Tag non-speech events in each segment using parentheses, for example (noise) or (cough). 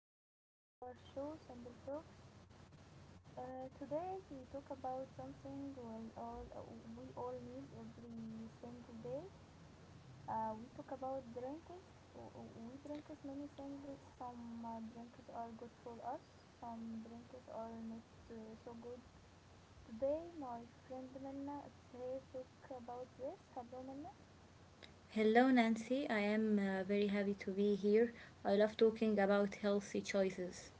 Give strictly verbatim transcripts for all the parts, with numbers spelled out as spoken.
Nancy. This is our show, Simple Talks. Uh, today we talk about something, well, all uh, we all need every single day. Uh, we talk about drinks. W- w- We drink as many things. Some uh, drinks are good for us. Some drinks are not uh, so good. Today my friend Minna is here to talk about this. Hello, Minna. Hello, Nancy. I am uh, very happy to be here. I love talking about healthy choices.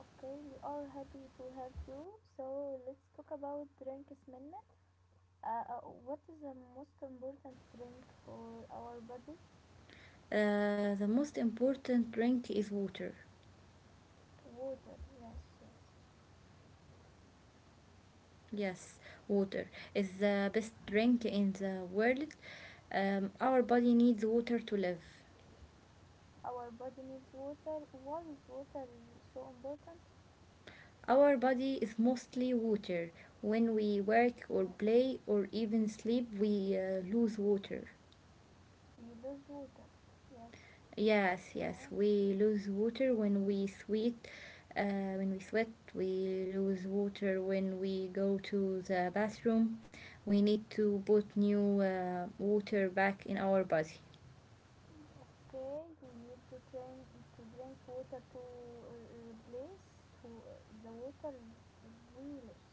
Okay, we are happy to have you. So let's talk about drinks, Minna. Uh, uh, what is the most important drink for our body? Uh, the most important drink is water. Water. Yes, yes. Yes, water is the best drink in the world. Um, our body needs water to live. Our body needs water. Why is water so important? Our body is mostly water. When we work or Yes, play or even sleep, we uh, lose water. we lose water. Yes, Yes, yes, yes. we lose water when we sweat. Uh, when we sweat, we lose water when we go to the bathroom. We need to put new uh, water back in our body. Okay, we need to drink to drink water to uh, replace to uh, the water we lose.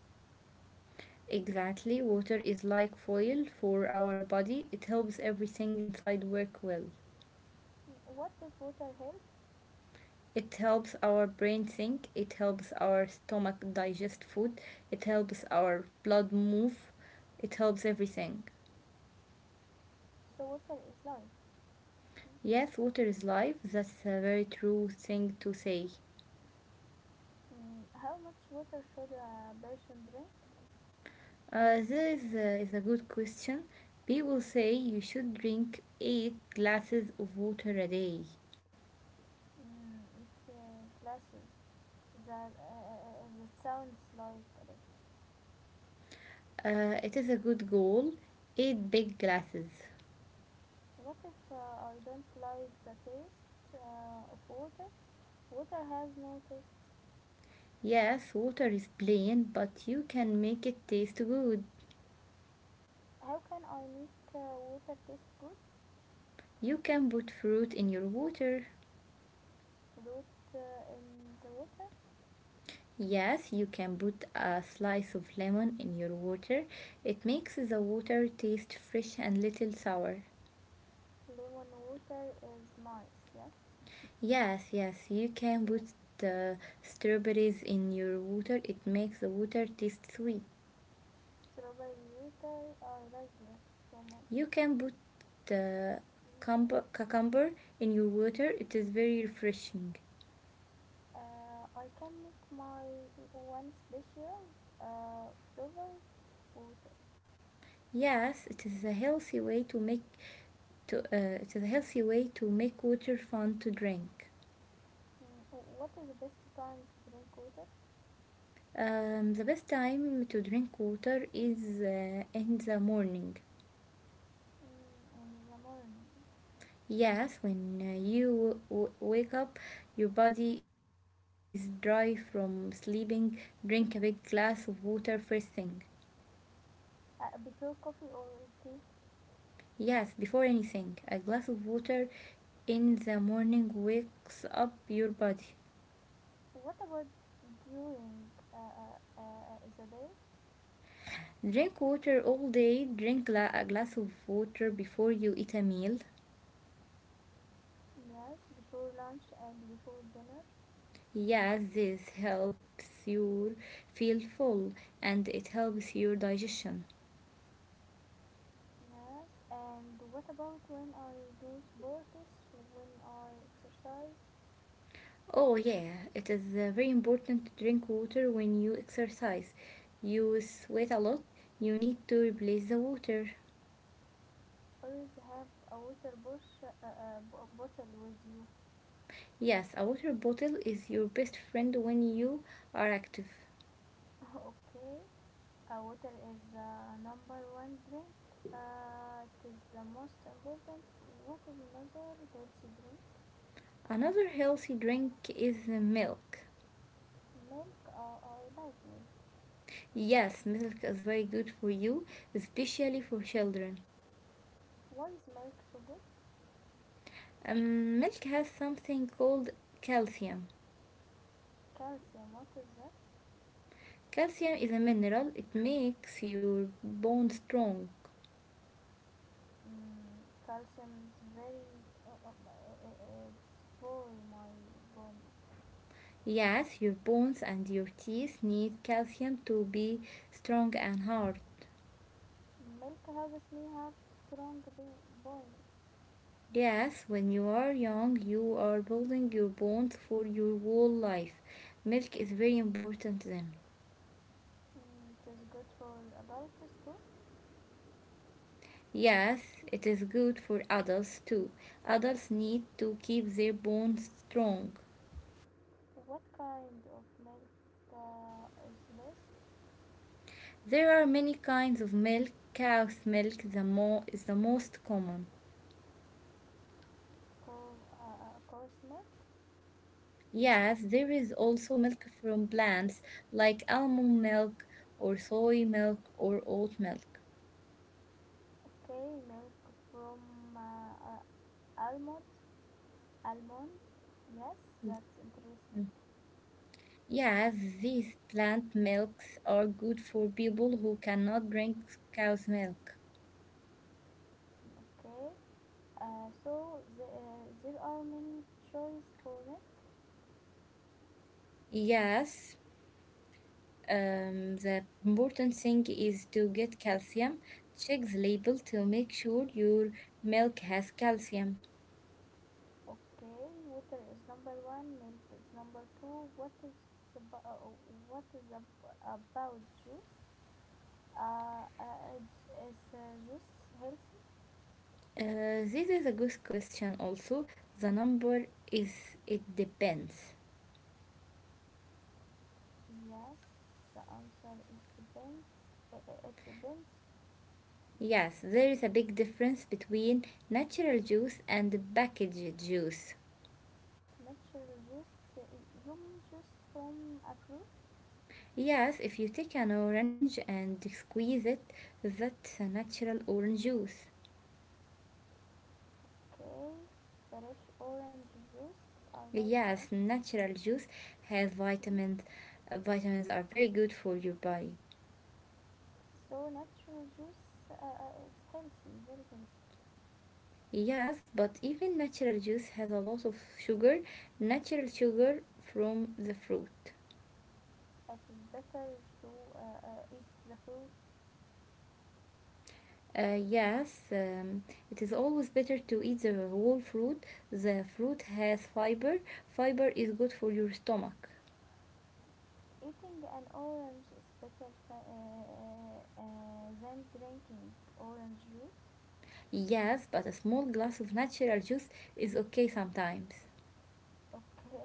Exactly, water is like foil for our body. It helps everything inside work well. What does water help? It helps our brain think, it helps our stomach digest food, it helps our blood move, it helps everything. So water is life. Mm, Yes, water is life. That's a very true thing to say. Mm, how much water should a person drink? Uh, this is a, is a good question. People say you should drink eight glasses of water a day. Mm, it uh, clashes. That uh, uh, uh, that sounds like a lot. Uh, it is a good goal. eight big glasses. What if, uh, I don't like the taste uh, of water? Water has no taste. Yes, water is plain, but you can make it taste good. How can I make uh, water taste good? You can put fruit in your water. Fruit, uh, in the water. Yes, you can put a slice of lemon in your water. It makes the water taste fresh and little sour. Lemon water is nice. Yes. Yes, yes, you can Yeah. put the strawberries in your water. It makes the water taste sweet. Strawberry water. I like that so much. You can put the Yes. cumber- cucumber in your water. It is very refreshing. Uh, I can make my one special, uh, flavored water. Yes, it is a healthy way to make to uh, it is a healthy way to make water fun to drink. Mm, what is the best time to drink water? Um, the best time to drink water is uh, in the morning. Mm, in the morning. Mm. Yes, when uh, you w- wake up, your body is dry from sleeping. Drink a big glass of water first thing. Uh, before coffee or tea? Yes, before anything, a glass of water in the morning wakes up your body. What about during uh, uh, uh, the day? Drink water all day. Drink la a glass of water before you eat a meal. Yes, before lunch and before dinner. Yes, this helps you feel full and it helps your digestion. Yes, and what about when I do sports, when I exercise? Oh, yeah, yeah. it is uh, very important to drink water when you exercise. You sweat a lot, you need to replace the water. Always have a water bush, uh, uh, bo- bottle with you. Yes, a water bottle is your best friend when you are active. (laughs) Okay, uh, water is uh, number one drink. Uh, it is the most important. What is another healthy drink? Another healthy drink is uh, milk. Milk. Uh, I like milk. Yes, milk is very good for you, especially for children. Why is milk so good? Um, milk has something called calcium. Calcium. What is that? Calcium is a mineral, it makes your bone strong. Mm, calcium is very. Uh, uh, uh, it's for my bone. Yes, your bones and your teeth need calcium to be strong and hard. Milk helps me have strong be- bones. Yes, when you are young, you are building your bones for your whole life. Milk is very important then. Mm, it is good for adults too. Yes, it is good for adults too. Adults need to keep their bones strong. What kind of milk uh, is best? There are many kinds of milk. Cow's milk the mo- is the most common. Co- uh, uh, Yes, there is also milk from plants like almond milk or soy milk or oat milk. Okay, milk from uh, uh, almonds. Almonds. Yes, that's interesting. Mm. Yes, these plant milks are good for people who cannot drink cow's milk. Okay. Uh, so the, uh, there are many choice for milk. Yes, um, the important thing is to get calcium. Check the label to make sure your milk has calcium. Okay, water is number one. Milk is number two. What is about, uh, what is ab- about juice? Uh, uh, is uh, juice healthy? Uh, this is a good question also. The number is it depends. Yes. The answer is depends. It depends. Yes, there is a big difference between natural juice and packaged juice. Natural juice, you mean juice from a fruit? Yes, if you take an orange and squeeze it, that's a natural orange juice. Okay, fresh orange juice. I like that. Yes, natural juice has Yeah. vitamins. Uh, Vitamins are very good for your body. So natural juice uh, is healthy, very healthy. Yes, but even natural juice has a lot of sugar, natural sugar from the fruit. It is better to uh, uh, eat the fruit. Uh, yes, um, it is always better to eat the whole fruit. The fruit has fiber. Fiber is good for your stomach. Eating an orange is better th- uh, uh, uh, than drinking orange juice. Yes, but a small glass of natural juice is okay sometimes. Okay,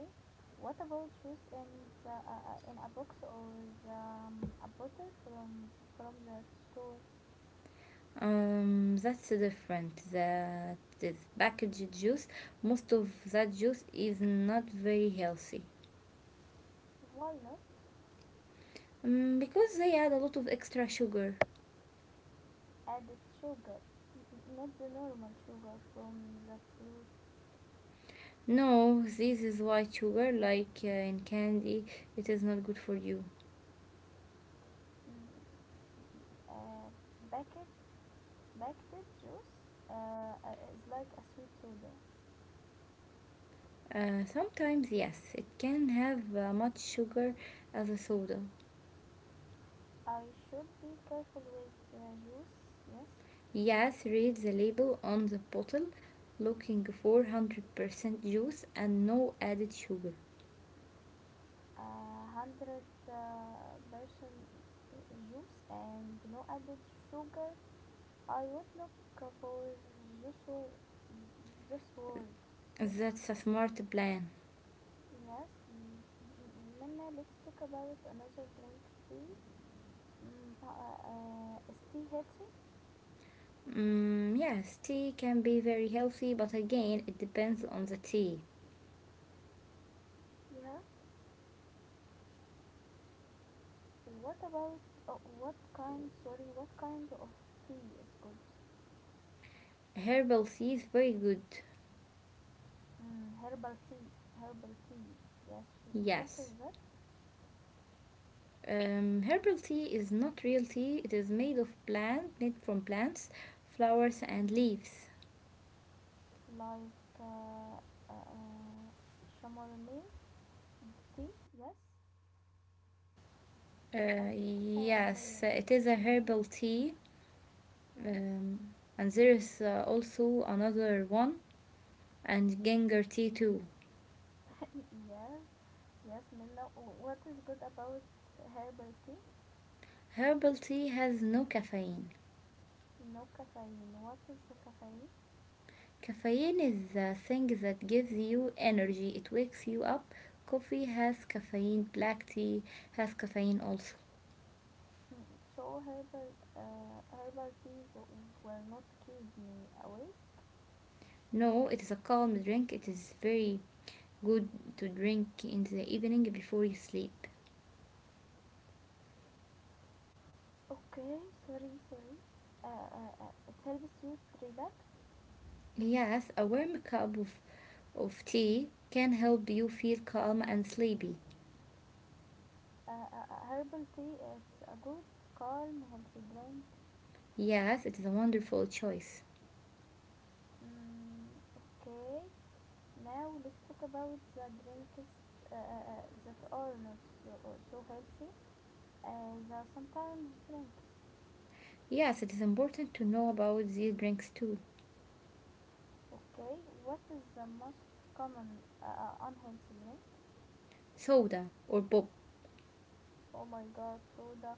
what about juice in the, uh, uh, in a box, or um, a bottle from from the store? Um, that's different. That is packaged juice. Most of that juice is not very healthy. Why not? Um, because they add a lot of extra sugar. Added sugar. N- not the normal sugar from the fruit. No, this is white sugar, like uh, in candy. It is not good for you. mm, Uh, packet, Packed juice uh, uh, is like a sweet soda. Uh, sometimes, yes, it can have uh, much sugar as a soda. I should be careful with uh, juice. Yes, Yes, read the label on the bottle looking for one hundred percent juice and no added sugar. uh, hundred uh, percent uh, juice and no added sugar. I would look for those wor- those words. Yes. That's a smart plan. Yes, M- M- Minna, let's talk about another drink, tea. Mm, uh, uh, uh, is tea healthy? Mm, yes, tea can be very healthy, but again, it depends on the tea. Yes. What about, uh, what kind? Sorry, what kind of tea is good? Herbal tea is very good. Mm, herbal tea. Herbal tea. Yes. What is Yes. that? Um, herbal tea is not real tea, it is made of plant made from plants, flowers and Mm. leaves. Like, uh, uh, uh, chamomile tea? Yes. I Uh, think chamomile. yes, it is a Yeah. herbal tea, Yes. um, and there is uh, also another one, and ginger tea too. (laughs) Yes. Yes, Minna, what is good about herbal tea? Herbal tea has no caffeine. No caffeine. What is the caffeine? Caffeine is the thing that gives you energy, it wakes you up. Coffee has caffeine, black tea has caffeine also. Mm, So herbal uh, herbal tea w- will not keep me awake. No, it is a calm drink, it is very good to drink in the evening before you sleep. Okay, sorry, sorry. Uh, uh, uh, it helps you to relax. Yes, a warm cup of of tea can help you feel calm and sleepy. Uh, uh, uh, herbal tea, it's a good, calm, healthy drink. Yes, it is a wonderful choice. Mm, okay, now let's talk about the drinks uh, uh, uh, that are not so, uh, so healthy as uh, sometimes drinks. Yes, it is important to know about these drinks too. Okay, what is the most common uh, uh, unhealthy drink? Soda or pop. Oh my god, soda.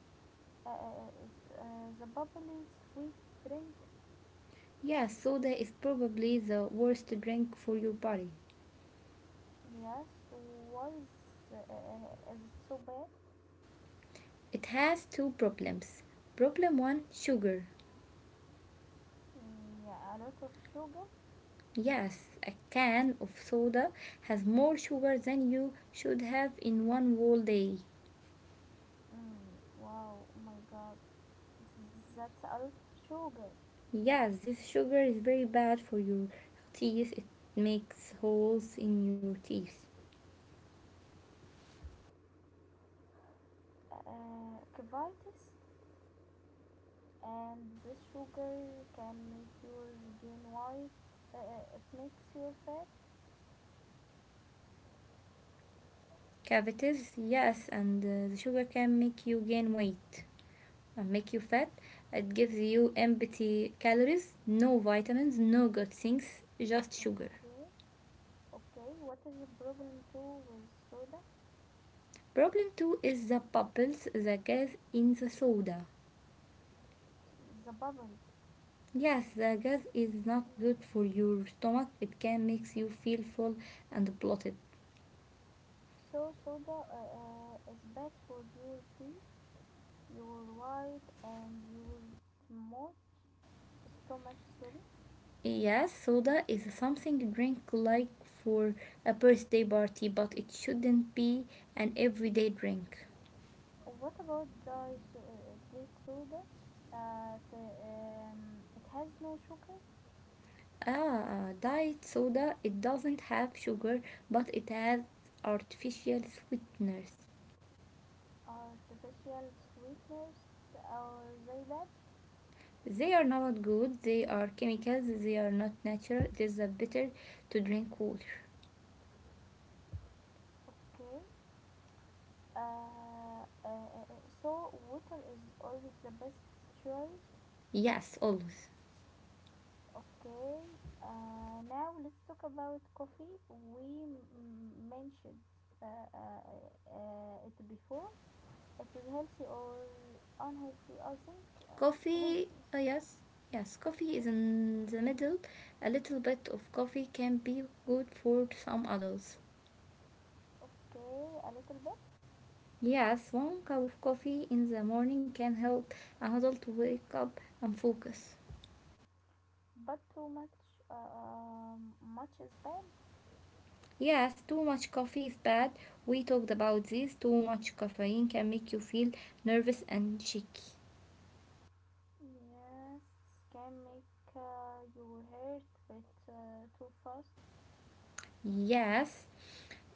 Uh, uh, uh, the bubbly sweet drinks. Yes, soda is probably the worst drink for your body. Yes, why is, uh, uh, uh, is it so bad? It has two problems. Problem one sugar. Mm, yeah, a lot of sugar. Yes, a can of soda has more sugar than you should have in one whole day. Mm, wow, oh my god, that's a lot of sugar. Yes, this sugar is very bad for your teeth. It makes holes in your teeth. Uh, cavities, and this sugar can make you gain weight. Uh, uh, it makes your fat. Cavities, yes, and uh, the sugar can make you gain weight and make you fat. It gives you empty calories, no vitamins, no good things, just sugar. Okay. Okay, what is the problem too with soda? Problem two is the bubbles, the gas in the soda. The bubbles. Yes, the gas is not Yes. good for your stomach. It can make you feel full and bloated. So soda uh, uh, is bad for your teeth, your white, and your smooth stomach. Sorry. Yes, soda is something drink like for a birthday party, but it shouldn't be an everyday drink. What about diet, so- uh, soda? Uh, the, um, it has no sugar, Ah, ah, diet soda, it doesn't have sugar, but it has artificial sweeteners. artificial sweeteners. Are they bad? They are not good, they are chemicals, they are not natural. It is a better to drink water. Okay. Uh, uh, uh, so water is always the best choice. Yes, always. Okay, uh, now let's talk about coffee. We m- mentioned uh, uh, uh, it before. It is healthy or unhealthy? I think uh, Coffee, healthy. uh, yes, yes, coffee is Yes. in the middle. A little bit of coffee can be good for some adults. Okay, a little bit, Yes, one cup of coffee in the morning can help an adult to wake up and focus. but too much. Uh, um, much is bad. Yes, too much coffee is bad. We talked about this. Too much caffeine can make you feel nervous and shaky. Yes, can make uh, your heart beat uh, too fast. Yes,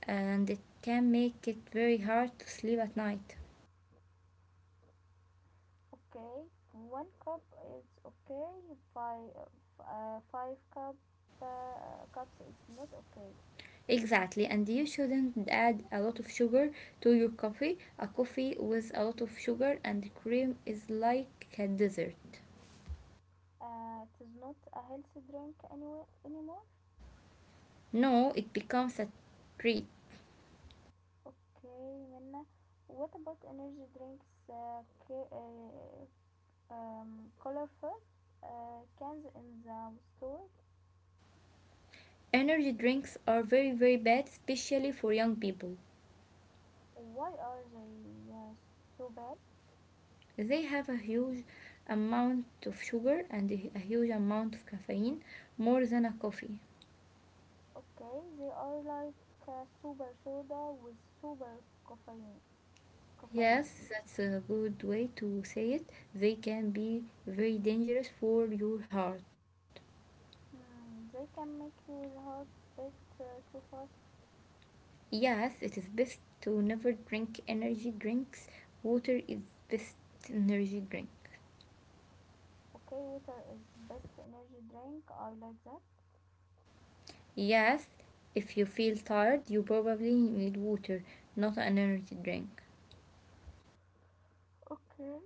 and it can make it very hard to sleep at night. Okay, one cup is okay. Five, uh, five cup uh, cups is not okay. Exactly, and you shouldn't add a lot of sugar to your coffee. A coffee with a lot of sugar and cream is like a dessert. Uh, it is not a healthy drink anyway anymore. No, it becomes a treat. Okay, Minna. What about energy drinks? Uh, ca- uh, um, colorful uh, cans in the store. Energy drinks are very, very bad, especially for young people. Why are they uh, so bad? They have a huge amount of sugar and a huge amount of caffeine, more than a coffee. Okay, they are like uh, super soda with super caffeine. Caffeine. Yes, that's a good way to say it. They can be very dangerous for your heart. Mm, they can make your heart beat uh, too fast. Yes, it is best to never drink energy drinks. Water is best energy drink. Okay, water is best energy drink. I like that. Yes, if you feel tired, you probably need water, not an energy drink. Okay.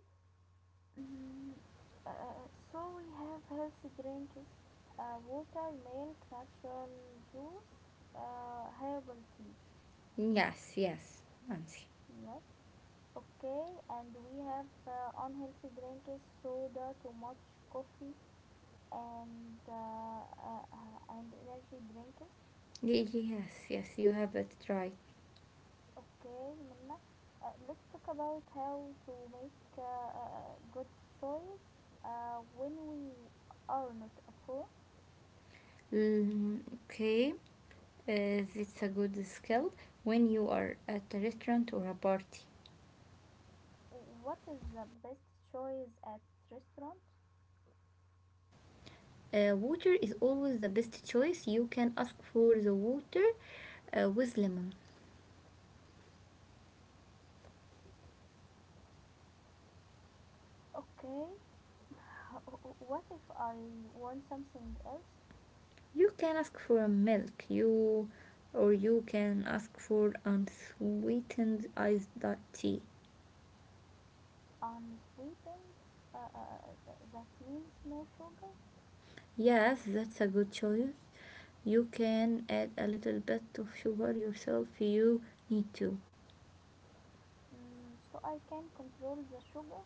Mm, uh, so we have healthy drinks: uh, water, milk, natural juice, uh, herbal tea. Yes, yes, Nancy. Yes. Okay, and we have uh, unhealthy drinks: soda, too much coffee, and uh, uh, uh, and energy drinks. Yes, yes, you have it right. Okay, Minna. Uh, let's talk about how to make uh, a good choice uh, when we are not at home. Mm, okay, uh, that's a good skill when you are at a restaurant or a party. What is the best choice at restaurant? Uh, water is always the best choice. You can ask for the water uh, with lemon. Okay. (laughs) What if I want something else? You can ask for milk. You or you can ask for unsweetened iced tea. Unsweetened? Uh, uh, uh, that means no sugar. Yes, that's a good choice. You can add a little bit of sugar yourself. If You need to. Mm, so I can control the sugar.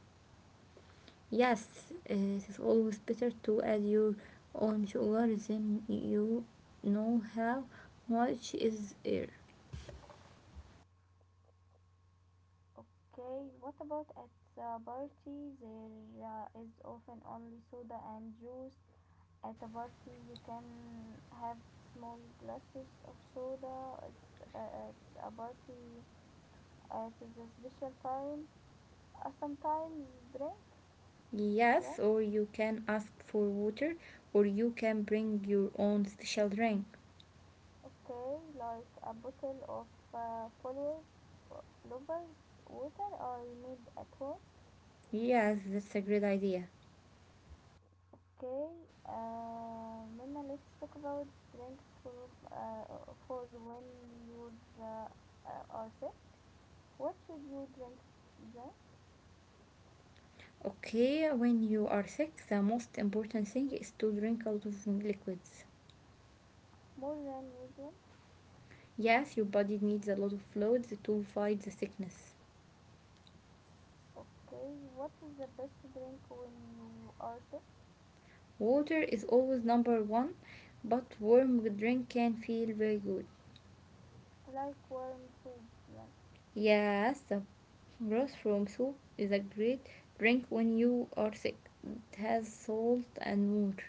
Yes, it is always better to add your own sugar than you know how much is there. Okay, what about at a party? There uh, is often only soda and juice. At a party, you can have small glasses of soda. It's, uh, it's a party. It is a special time. Uh, sometimes drink, Yes, yes. or you can ask for water, or you can bring your own special drink. Okay, like a bottle of uh, flavored, flavored water I made at home. Yes, that's a great idea. Okay, uh, Minna, let's talk about drinks for uh, for when you uh, uh, are sick. What should you drink then? Okay, when you are sick, the most important thing is to drink a lot of liquids. More than usual. Yes, your body needs a lot of fluids to fight the sickness. Okay, what is the best drink when you are sick? Water is always number one, but warm drink can feel very good. Like warm soup, yes. Yes, the broth from soup is a great drink when you are sick. It has salt and water.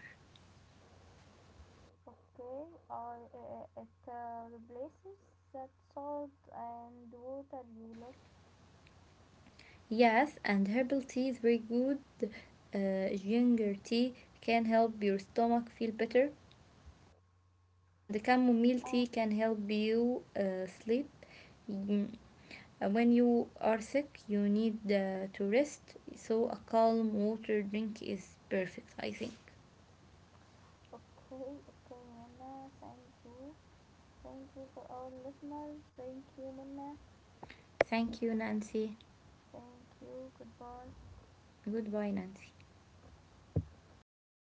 Okay, or uh, it uh, replaces that salt and water you lost. Yes, and herbal tea is very good. Uh, ginger tea can help your stomach feel better, and the chamomile And tea can help you uh, sleep. Mm, uh, When you are sick, you need uh, to rest, so a calm water drink is perfect, I think. okay, okay, Minna, thank you. Thank you for our listeners. Thank you, Minna. Thank you, Nancy. Thank you. Goodbye. Goodbye, Nancy.